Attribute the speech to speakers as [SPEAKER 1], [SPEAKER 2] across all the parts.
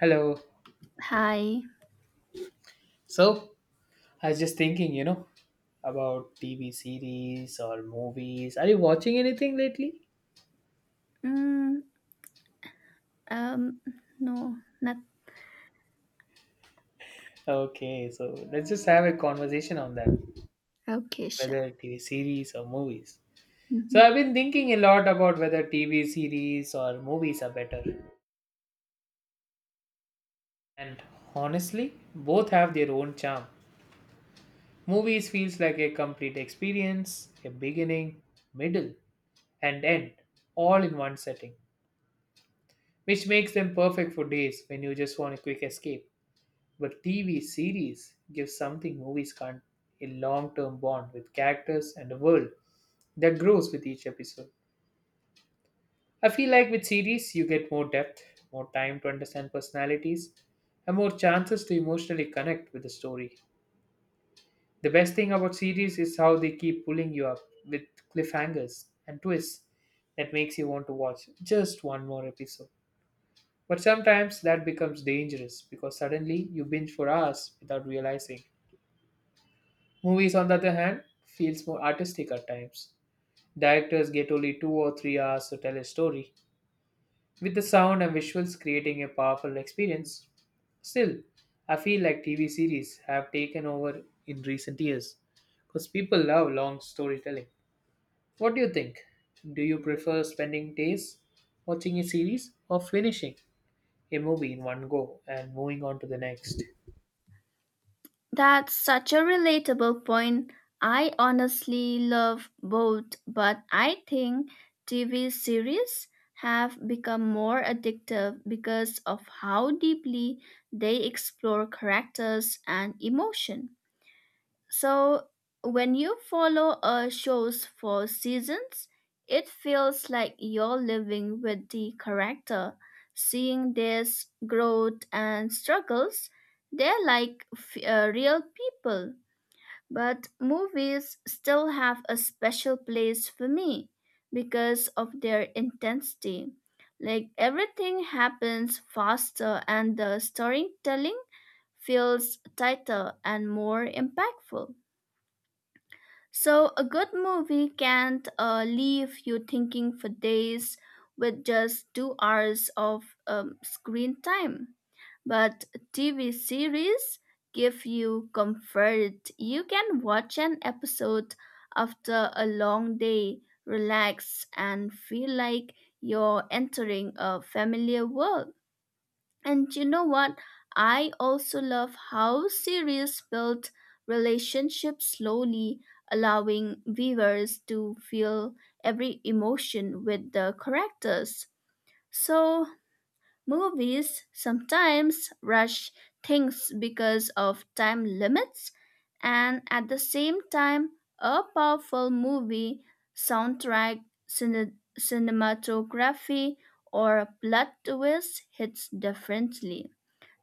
[SPEAKER 1] Hello.
[SPEAKER 2] Hi.
[SPEAKER 1] So, I was just thinking, you know, about TV series or movies. Are you watching anything lately?
[SPEAKER 2] Mm, um, no, not.
[SPEAKER 1] Okay, so let's just have a conversation on that,
[SPEAKER 2] Okay, sure.
[SPEAKER 1] whether TV series or movies. So,
[SPEAKER 2] Mhm.
[SPEAKER 1] I've been thinking a lot about whether TV series or movies are better. And honestly, both have their own charm. Movies feels like a complete experience, a beginning, middle, and end, all in one setting, which makes them perfect for days when you just want a quick escape. But TV series give something movies can't, a long term bond with characters and a world that grows with each episode. I feel like with series, you get more depth, more time to understand personalities, and more chances to emotionally connect with the story. The best thing about series is how they keep pulling you up with cliffhangers and twists that makes you want to watch just one more episode. But sometimes that becomes dangerous because suddenly you binge for hours without realizing. Movies, on the other hand, feels more artistic at times. Directors get only 2 or 3 hours to tell a story, with the sound and visuals creating a powerful experience. Still, I feel like TV series have taken over in recent years because people love long storytelling. What do you think? Do you prefer spending days watching a series or finishing a movie in one go and moving on to the next?
[SPEAKER 2] That's such a relatable point. I honestly love both, but I think TV series have become more addictive because of how deeply they explore characters and emotion. So when you follow a show's for seasons, it feels like you're living with the character, seeing their growth and struggles. They're like real people. But movies still have a special place for me because of their intensity. Like everything happens faster and the storytelling feels tighter and more impactful. So, a good movie can't leave you thinking for days with just 2 hours of screen time. But TV series give you comfort. You can watch an episode after a long day, relax, and feel like you're entering a familiar world. And you know what? I also love how series built relationships slowly, allowing viewers to feel every emotion with the characters. So, movies sometimes rush things because of time limits, and at the same time, a powerful movie, soundtrack, cinematography, or plot twist hits differently.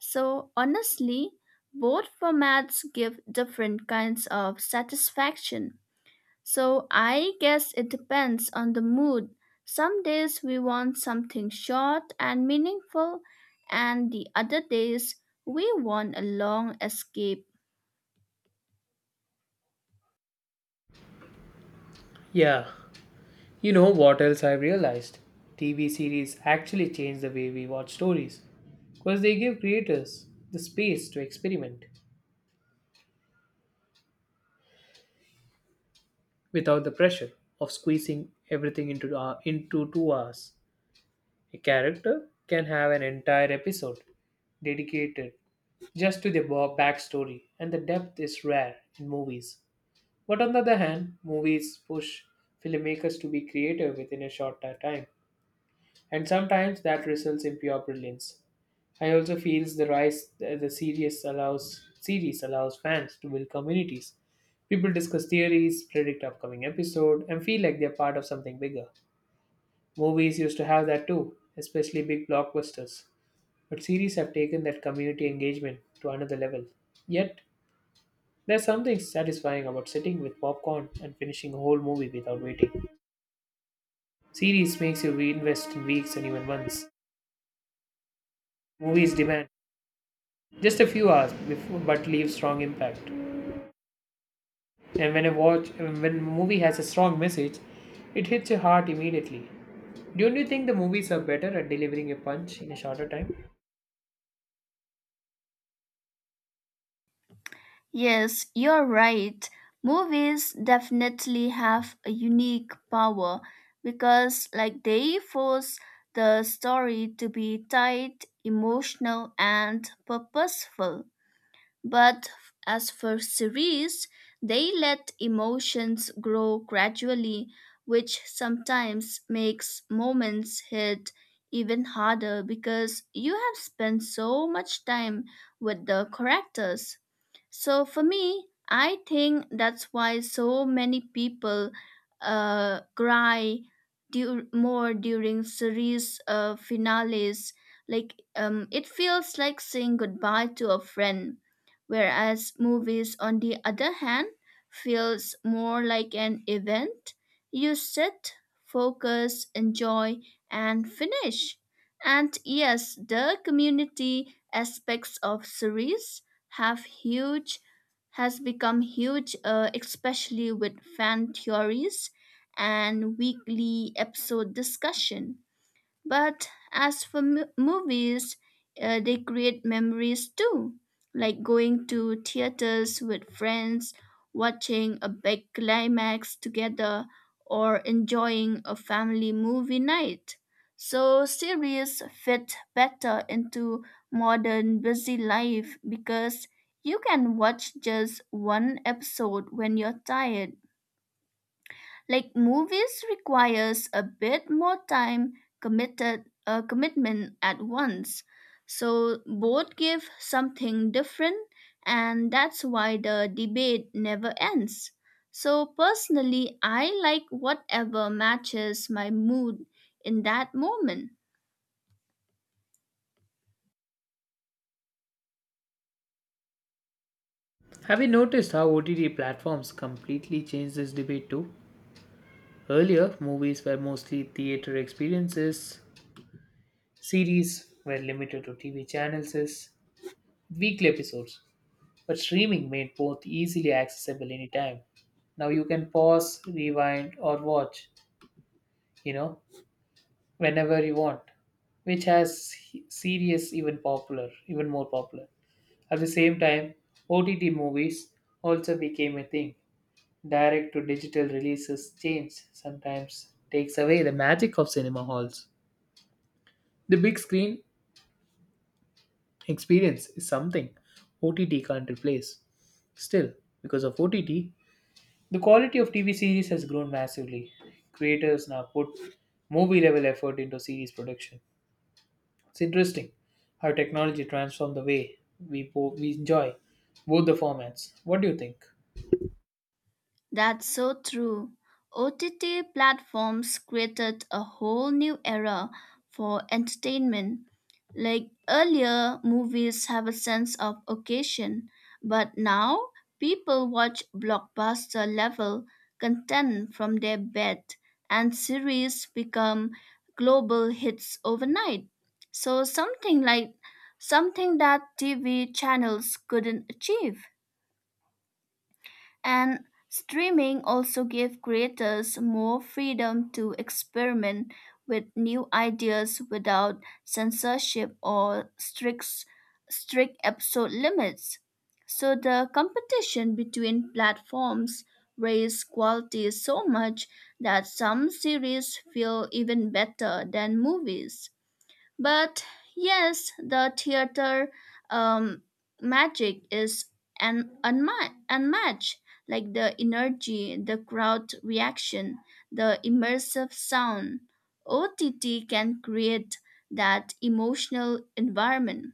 [SPEAKER 2] So, honestly, both formats give different kinds of satisfaction. So, I guess it depends on the mood. Some days we want something short and meaningful, and the other days we want a long escape.
[SPEAKER 1] Yeah. You know what else I've realized? TV series actually change the way we watch stories because they give creators the space to experiment without the pressure of squeezing everything into 2 hours. A character can have an entire episode dedicated just to backstory, and the depth is rare in movies. But on the other hand, movies push filmmakers to be creative within a shorter time, and sometimes that results in pure brilliance. I also feels the series allows fans to build communities. People discuss theories, predict upcoming episode, and feel like they're part of something bigger. Movies used to have that too, especially big blockbusters. But series have taken that community engagement to another level. Yet, there's something satisfying about sitting with popcorn and finishing a whole movie without waiting. Series makes you reinvest in weeks and even months. Movies demand just a few hours before, but leave strong impact. And when a movie has a strong message, it hits your heart immediately. Don't you think the movies are better at delivering a punch in a shorter time?
[SPEAKER 2] Yes, you're right. Movies definitely have a unique power because like they force the story to be tight, emotional and purposeful. But as for series, they let emotions grow gradually, which sometimes makes moments hit even harder because you have spent so much time with the characters. So for me, I think that's why so many people cry more during series finales. Like it feels like saying goodbye to a friend, whereas movies, on the other hand, feels more like an event. You sit, focus, enjoy, and finish. And yes, the community aspects of series have huge has become huge, especially with fan theories and weekly episode discussion. But as for movies, they create memories too, like going to theaters with friends, watching a big climax together, or enjoying a family movie night. So, series fit better into modern busy life because you can watch just one episode when you're tired like movies requires a bit more time committed commitment at once. So both give something different and that's why the debate never ends. So personally I like whatever matches my mood in that moment.
[SPEAKER 1] Have you noticed how OTT platforms completely changed this debate too? Earlier, movies were mostly theater experiences, series were limited to TV channels, weekly episodes, but streaming made both easily accessible anytime. Now you can pause, rewind, or watch, you know, whenever you want, which has even more popular. At the same time, OTT movies also became a thing. Direct to digital releases change sometimes takes away the magic of cinema halls. The big screen experience is something OTT can't replace. Still, because of OTT, the quality of TV series has grown massively. Creators now put movie level effort into series production. It's interesting how technology transformed the way we enjoy both the formats. What do you think?
[SPEAKER 2] That's so true. OTT platforms created a whole new era for entertainment. Like earlier, movies have a sense of occasion, but now people watch blockbuster level content from their bed, and series become global hits overnight. So, something that TV channels couldn't achieve. And streaming also gave creators more freedom to experiment with new ideas without censorship or strict episode limits. So the competition between platforms raised quality so much that some series feel even better than movies. But yes, the theater um, magic is unmatched. Like the energy, the crowd reaction, the immersive sound. OTT can create that emotional environment.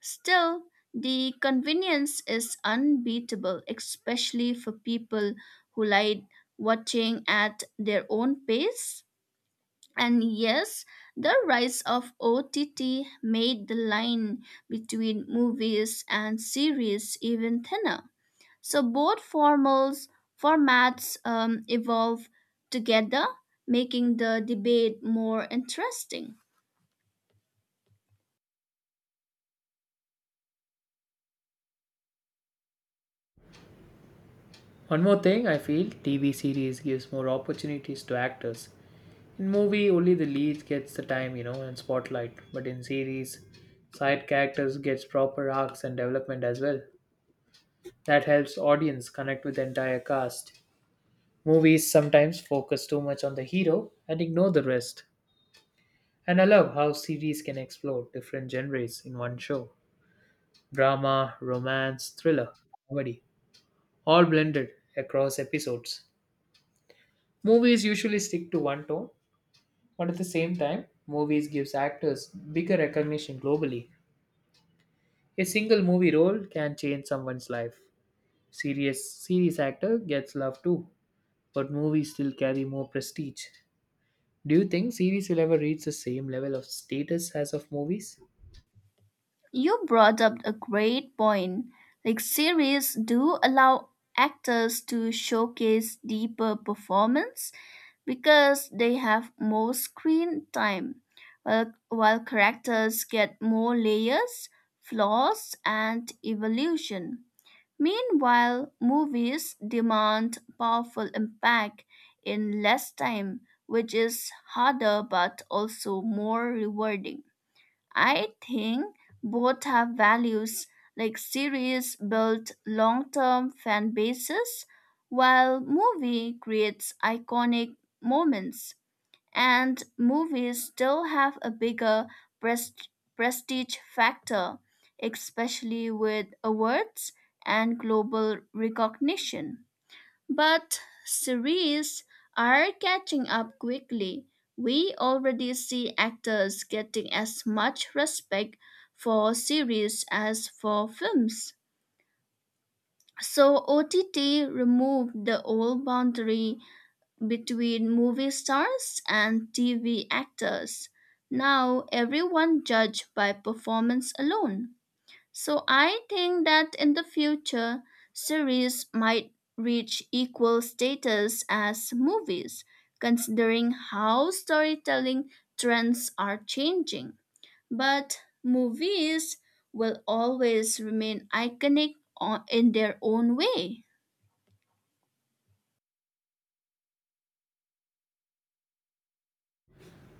[SPEAKER 2] Still, the convenience is unbeatable, especially for people who like watching at their own pace. And yes, the rise of OTT made the line between movies and series even thinner. So formats evolve together, making the debate more interesting.
[SPEAKER 1] One more thing, I feel TV series gives more opportunities to actors. In movie, only the lead gets the time, you know, and spotlight. But in series, side characters gets proper arcs and development as well. That helps audience connect with the entire cast. Movies sometimes focus too much on the hero and ignore the rest. And I love how series can explore different genres in one show. Drama, romance, thriller, comedy, all blended across episodes. Movies usually stick to one tone, but at the same time, movies gives actors bigger recognition globally. A single movie role can change someone's life. Serious series actor gets love too, but movies still carry more prestige. Do you think series will ever reach the same level of status as of movies?
[SPEAKER 2] You brought up a great point. Like series do allow actors to showcase deeper performance because they have more screen time, while characters get more layers, flaws, and evolution. Meanwhile, movies demand powerful impact in less time, which is harder but also more rewarding. I think both have values, like series build long term fan bases, while movie creates iconic moments. And movies still have a bigger pres- prestige factor, especially with awards and global recognition. But series are catching up quickly. We already see actors getting as much respect for series as for films. So OTT removed the old boundary between movie stars and TV actors. Now everyone judged by performance alone. So I think that in the future, series might reach equal status as movies, considering how storytelling trends are changing. But movies will always remain iconic in their own way.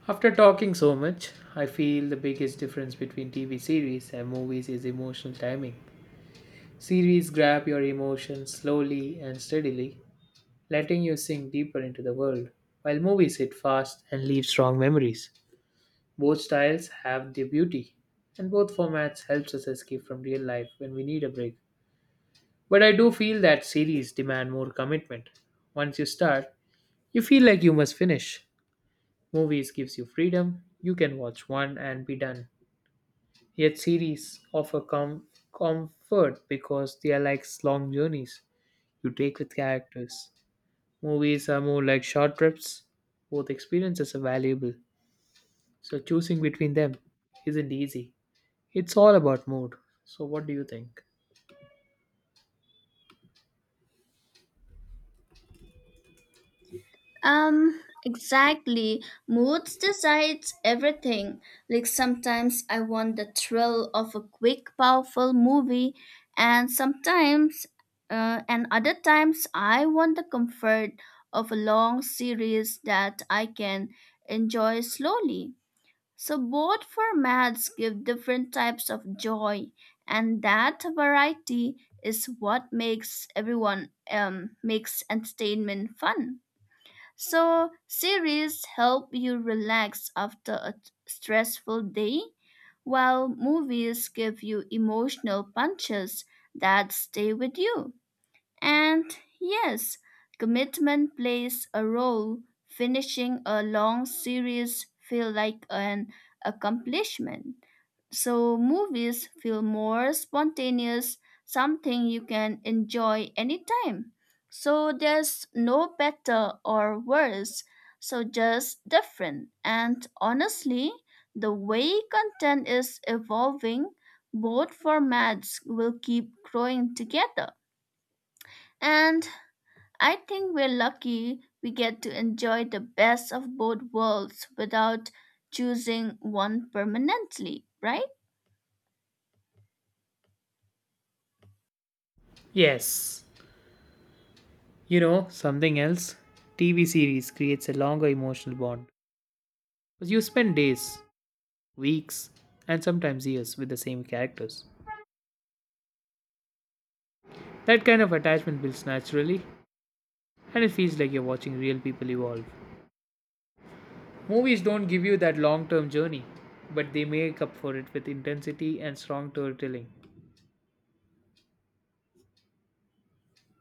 [SPEAKER 1] After talking so much, I feel the biggest difference between TV series and movies is emotional timing. Series grab your emotions slowly and steadily, letting you sink deeper into the world, while movies hit fast and leave strong memories. Both styles have their beauty, and both formats helps us escape from real life when we need a break. But I do feel that series demand more commitment. Once you start, you feel like you must finish. Movies gives you freedom. You can watch one and be done. Yet series offer comfort because they are like long journeys you take with characters. Movies are more like short trips. Both experiences are valuable, so choosing between them isn't easy. It's all about mood. So, what do you think?
[SPEAKER 2] Exactly. Moods decides everything. Like sometimes I want the thrill of a quick, powerful movie, and other times I want the comfort of a long series that I can enjoy slowly. So both formats give different types of joy, and that variety is what makes everyone makes entertainment fun. So, series help you relax after a stressful day, while movies give you emotional punches that stay with you. And yes, commitment plays a role. Finishing a long series feel like an accomplishment. So movies feel more spontaneous, something you can enjoy anytime. So there's no better or worse, so just different. And honestly, the way content is evolving, both formats will keep growing together. And I think we're lucky we get to enjoy the best of both worlds without choosing one permanently, right?
[SPEAKER 1] Yes. You know, something else? TV series creates a longer emotional bond, because you spend days, weeks, and sometimes years with the same characters. That kind of attachment builds naturally, and it feels like you're watching real people evolve. Movies don't give you that long term journey, but they make up for it with intensity and strong storytelling.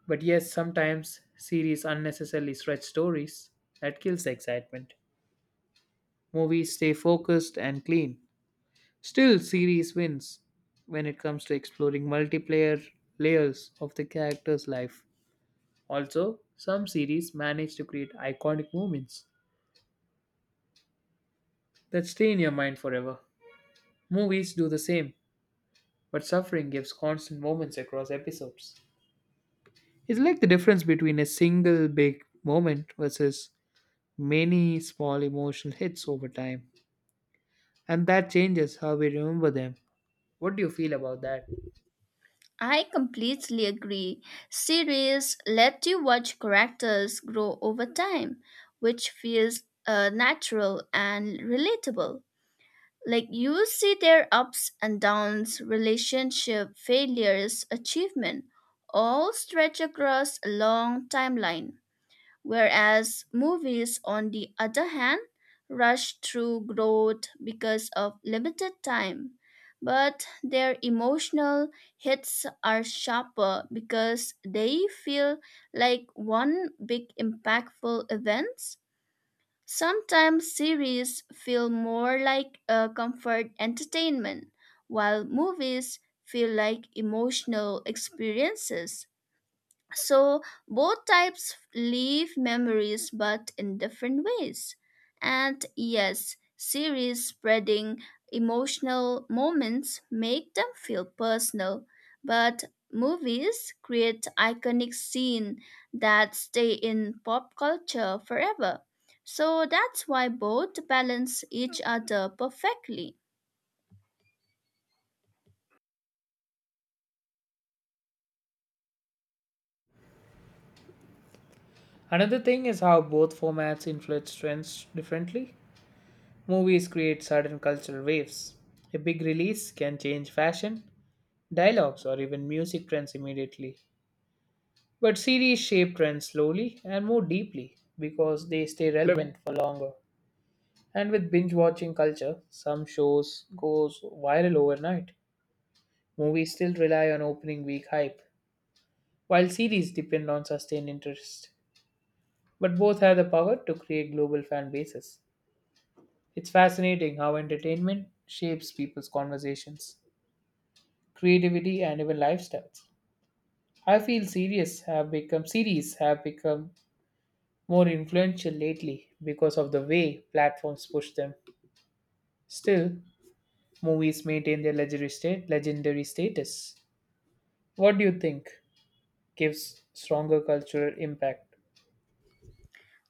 [SPEAKER 1] But yes, sometimes series unnecessarily stretch stories. That kills the excitement. Movies stay focused and clean. Still, series wins when it comes to exploring multiplayer layers of the character's life. Also, some series manage to create iconic moments that stay in your mind forever. Movies do the same, but suffering gives constant moments across episodes. It's like the difference between a single big moment versus many small emotional hits over time. And that changes how we remember them. What do you feel about that?
[SPEAKER 2] I completely agree. Series let you watch characters grow over time, which feels natural and relatable. Like you see their ups and downs, relationship, failures, achievement, all stretch across a long timeline. Whereas movies, on the other hand, rush through growth because of limited time. But their emotional hits are sharper because they feel like one big impactful event. Sometimes series feel more like a comfort entertainment, while movies feel like emotional experiences. So both types leave memories but in different ways. And yes, series spreading emotional moments make them feel personal, but movies create iconic scenes that stay in pop culture forever. So that's why both balance each other perfectly.
[SPEAKER 1] Another thing is how both formats influence trends differently. Movies create certain cultural waves. A big release can change fashion, dialogues, or even music trends immediately. But series shape trends slowly and more deeply because they stay relevant for longer. And with binge watching culture, some shows goes viral overnight. Movies still rely on opening week hype, while series depend on sustained interest. But both have the power to create global fan bases. It's fascinating how entertainment shapes people's conversations, creativity and even lifestyles. I feel series have become more influential lately because of the way platforms push them. Still, movies maintain their legendary status. What do you think gives stronger cultural impact?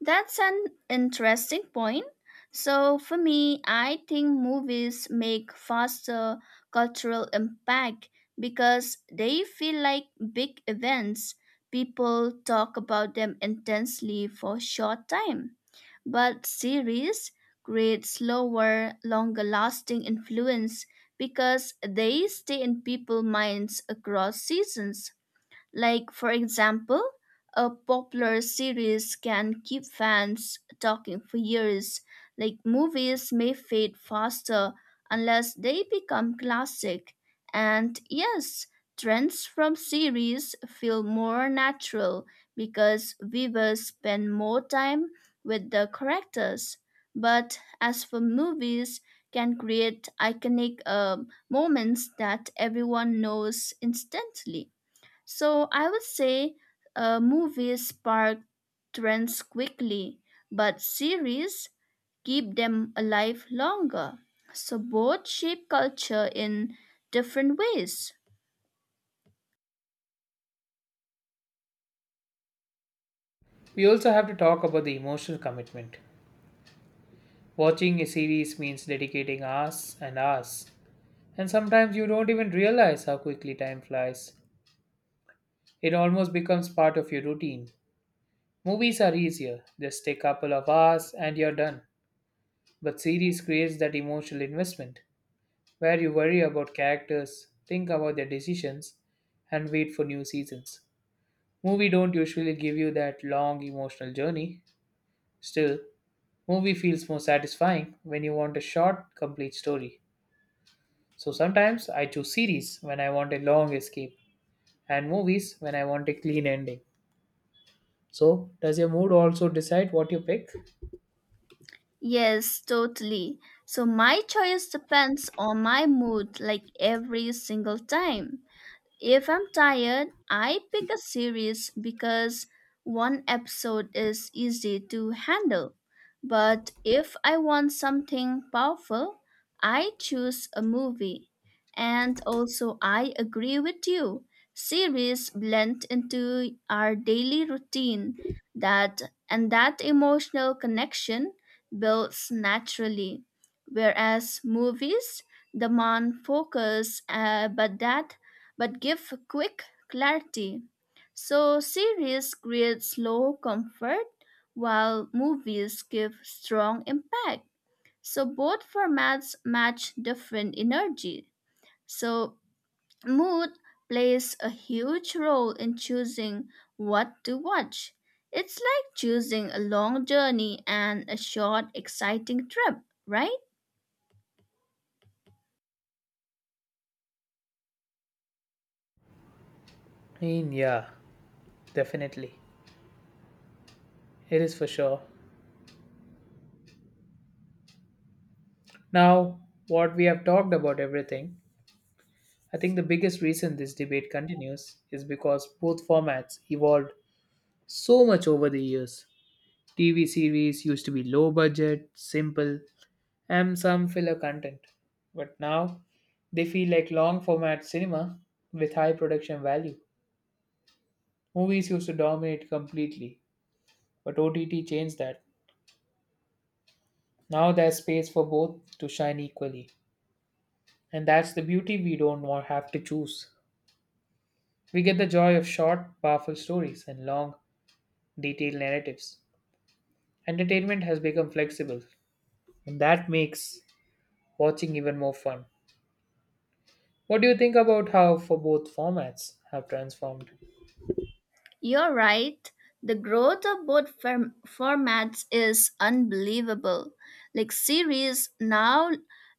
[SPEAKER 2] That's an interesting point. So, for me, I think movies make faster cultural impact because they feel like big events. People talk about them intensely for a short time. But series create slower, longer lasting influence because they stay in people's minds across seasons. Like, for example, a popular series can keep fans talking for years. Like, movies may fade faster unless they become classic. And yes, trends from series feel more natural because viewers spend more time with the characters. But as for movies, can create iconic moments that everyone knows instantly. So I would say movies spark trends quickly, but series keep them alive longer. So both shape culture in different ways.
[SPEAKER 1] We also have to talk about the emotional commitment. Watching a series means dedicating hours and hours, and sometimes you don't even realize how quickly time flies. It almost becomes part of your routine. Movies are easier, just a couple of hours and you're done. But series creates that emotional investment where you worry about characters, think about their decisions, and wait for new seasons. Movie don't usually give you that long emotional journey. Still, movie feels more satisfying when you want a short, complete story. So sometimes I choose series when I want a long escape and movies when I want a clean ending. So, does your mood also decide what you pick?
[SPEAKER 2] Yes, totally. So my choice depends on my mood like every single time. If I'm tired, I pick a series because one episode is easy to handle. But if I want something powerful, I choose a movie. And also, I agree with you. Series blend into our daily routine that and that emotional connection builds naturally. Whereas movies demand focus, but give quick clarity. So series create slow comfort while movies give strong impact. So both formats match different energy. So mood plays a huge role in choosing what to watch. It's like choosing a long journey and a short exciting trip, right?
[SPEAKER 1] In yeah, definitely. It is for sure. Now, what we have talked about everything, I think the biggest reason this debate continues is because both formats evolved so much over the years. TV series used to be low budget, simple, and some filler content. But now they feel like long format cinema with high production value. Movies used to dominate completely, but OTT changed that. Now there's space for both to shine equally. And that's the beauty, we don't want have to choose. We get the joy of short, powerful stories and long, detailed narratives. Entertainment has become flexible, and that makes watching even more fun. What do you think about how for both formats have transformed?
[SPEAKER 2] You're right. The growth of both formats is unbelievable. Like series now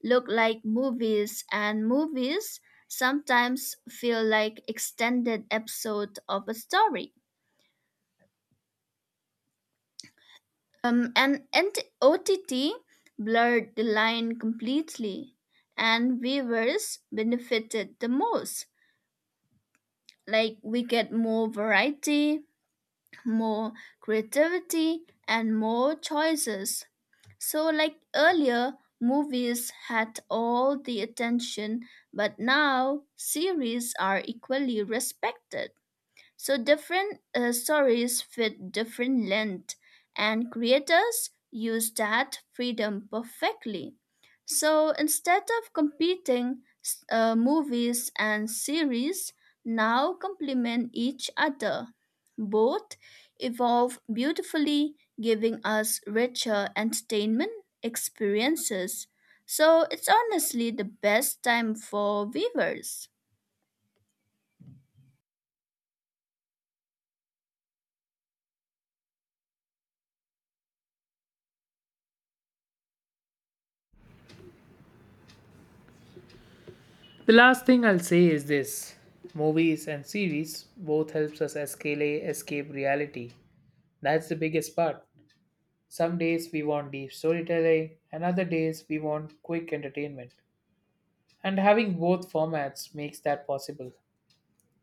[SPEAKER 2] look like movies, and movies sometimes feel like extended episode of a story. And OTT blurred the line completely, and viewers benefited the most. Like we get more variety, more creativity, and more choices. So, like earlier, movies had all the attention, but now series are equally respected. So different stories fit different length, and creators use that freedom perfectly. So instead of competing, movies and series now complement each other. Both evolve beautifully, giving us richer entertainment experiences. So it's honestly the best time for viewers.
[SPEAKER 1] The last thing I'll say is this, movies and series both helps us escape reality. That's the biggest part. Some days we want deep storytelling and other days we want quick entertainment. And having both formats makes that possible.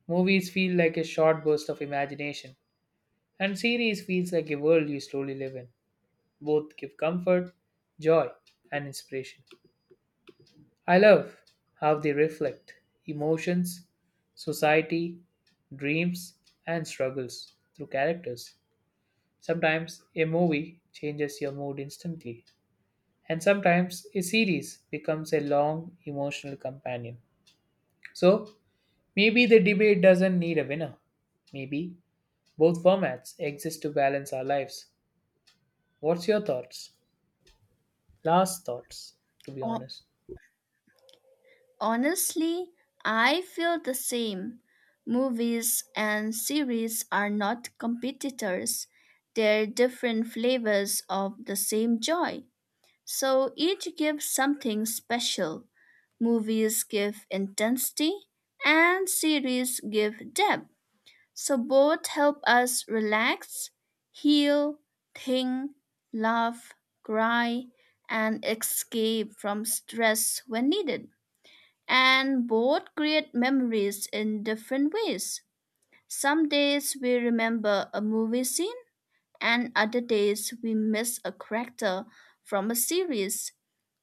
[SPEAKER 1] Movies feel like a short burst of imagination and series feels like a world you slowly live in. Both give comfort, joy and inspiration. I love how they reflect emotions, society, dreams, and struggles through characters. Sometimes a movie changes your mood instantly, and sometimes a series becomes a long emotional companion. So, maybe the debate doesn't need a winner. Maybe both formats exist to balance our lives. What's your thoughts? Last thoughts, to be honest.
[SPEAKER 2] Honestly, I feel the same. Movies and series are not competitors, they're different flavors of the same joy. So each gives something special. Movies give intensity, and series give depth. So both help us relax, heal, think, laugh, cry, and escape from stress when needed, and both create memories in different ways. Some days we remember a movie scene, and other days we miss a character from a series.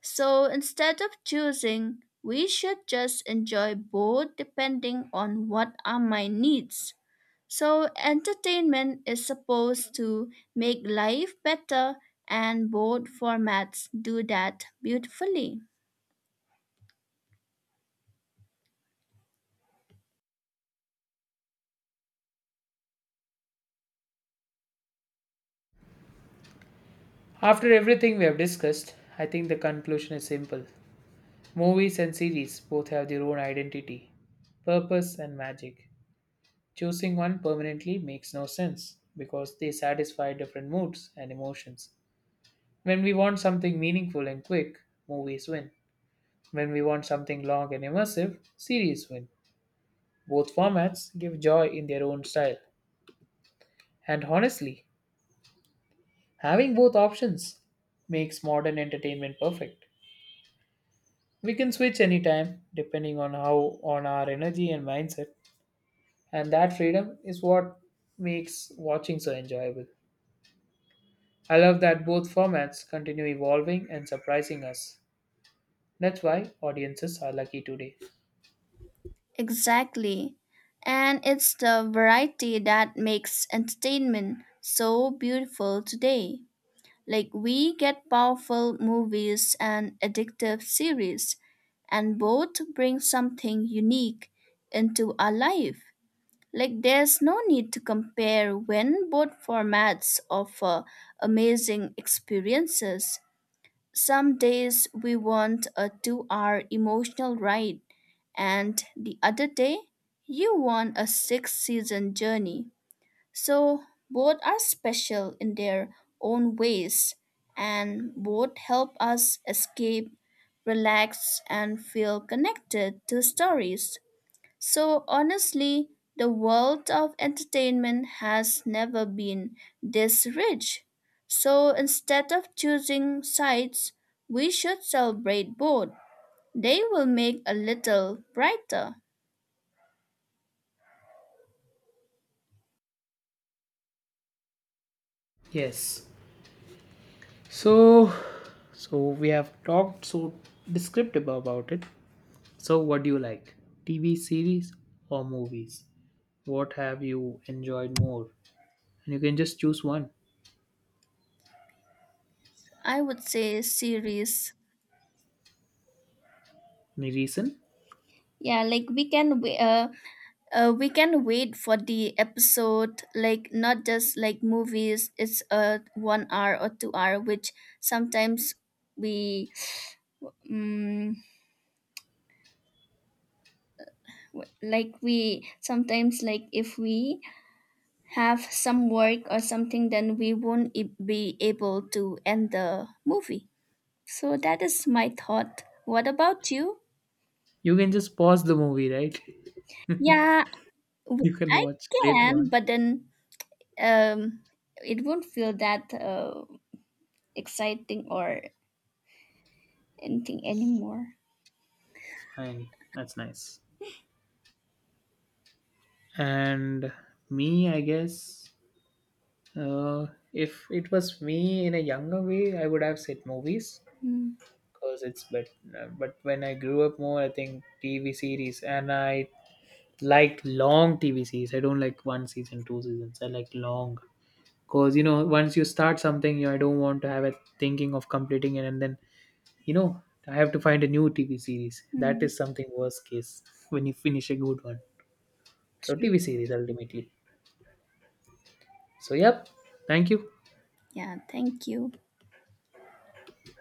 [SPEAKER 2] So instead of choosing, we should just enjoy both depending on what our mind needs. So, entertainment is supposed to make life better, and both formats do that beautifully.
[SPEAKER 1] After everything we have discussed, I think the conclusion is simple. Movies and series both have their own identity, purpose, and magic. Choosing one permanently makes no sense because they satisfy different moods and emotions. When we want something meaningful and quick, movies win. When we want something long and immersive, series win. Both formats give joy in their own style. And honestly, having both options makes modern entertainment perfect. We can switch anytime depending on how on our energy and mindset, and that freedom is what makes watching so enjoyable. I love that both formats continue evolving and surprising us. That's why audiences are lucky today.
[SPEAKER 2] Exactly. And it's the variety that makes entertainment so beautiful today. Like, we get powerful movies and addictive series, and both bring something unique into our life. Like, there's no need to compare when both formats offer amazing experiences. Some days we want a 2-hour emotional ride, and the other day you want a 6 season journey. So both are special in their own ways, and both help us escape, relax, and feel connected to stories. So honestly, the world of entertainment has never been this rich. So instead of choosing sides, we should celebrate both. They will make a little brighter.
[SPEAKER 1] Yes. So, so we have talked so descriptive about it. So, what do you like? TV series or movies? What have you enjoyed more? And you can just choose one.
[SPEAKER 2] I would say series.
[SPEAKER 1] Any reason?
[SPEAKER 2] Yeah, like we can wait for the episode, like, not just like movies, it's a 1 hour or 2 hour, which sometimes we, mm, like, we sometimes like if we have some work or something, then we won't be able to end the movie. So that is my thought. What about you?
[SPEAKER 1] You can just pause the movie, right?
[SPEAKER 2] Yeah. w-
[SPEAKER 1] You can
[SPEAKER 2] i
[SPEAKER 1] watch later
[SPEAKER 2] can,
[SPEAKER 1] on.
[SPEAKER 2] but then um it won't feel that exciting or anything anymore.
[SPEAKER 1] Fine. That's nice. And me, I guess, uh, if it was me in a younger way I would have said movies because it's but when I grew up more I think TV series, and I like long TV series. I don't like 1 season, 2 seasons I like long, because you know, once you start something you, I don't want to have a thinking of completing it, and then you know, I have to find a new TV series. That
[SPEAKER 2] Mm-hmm.
[SPEAKER 1] is something worst case when you finish a good one. So
[SPEAKER 2] True.
[SPEAKER 1] TV series ultimately. So yep, thank you.
[SPEAKER 2] Yeah, thank you.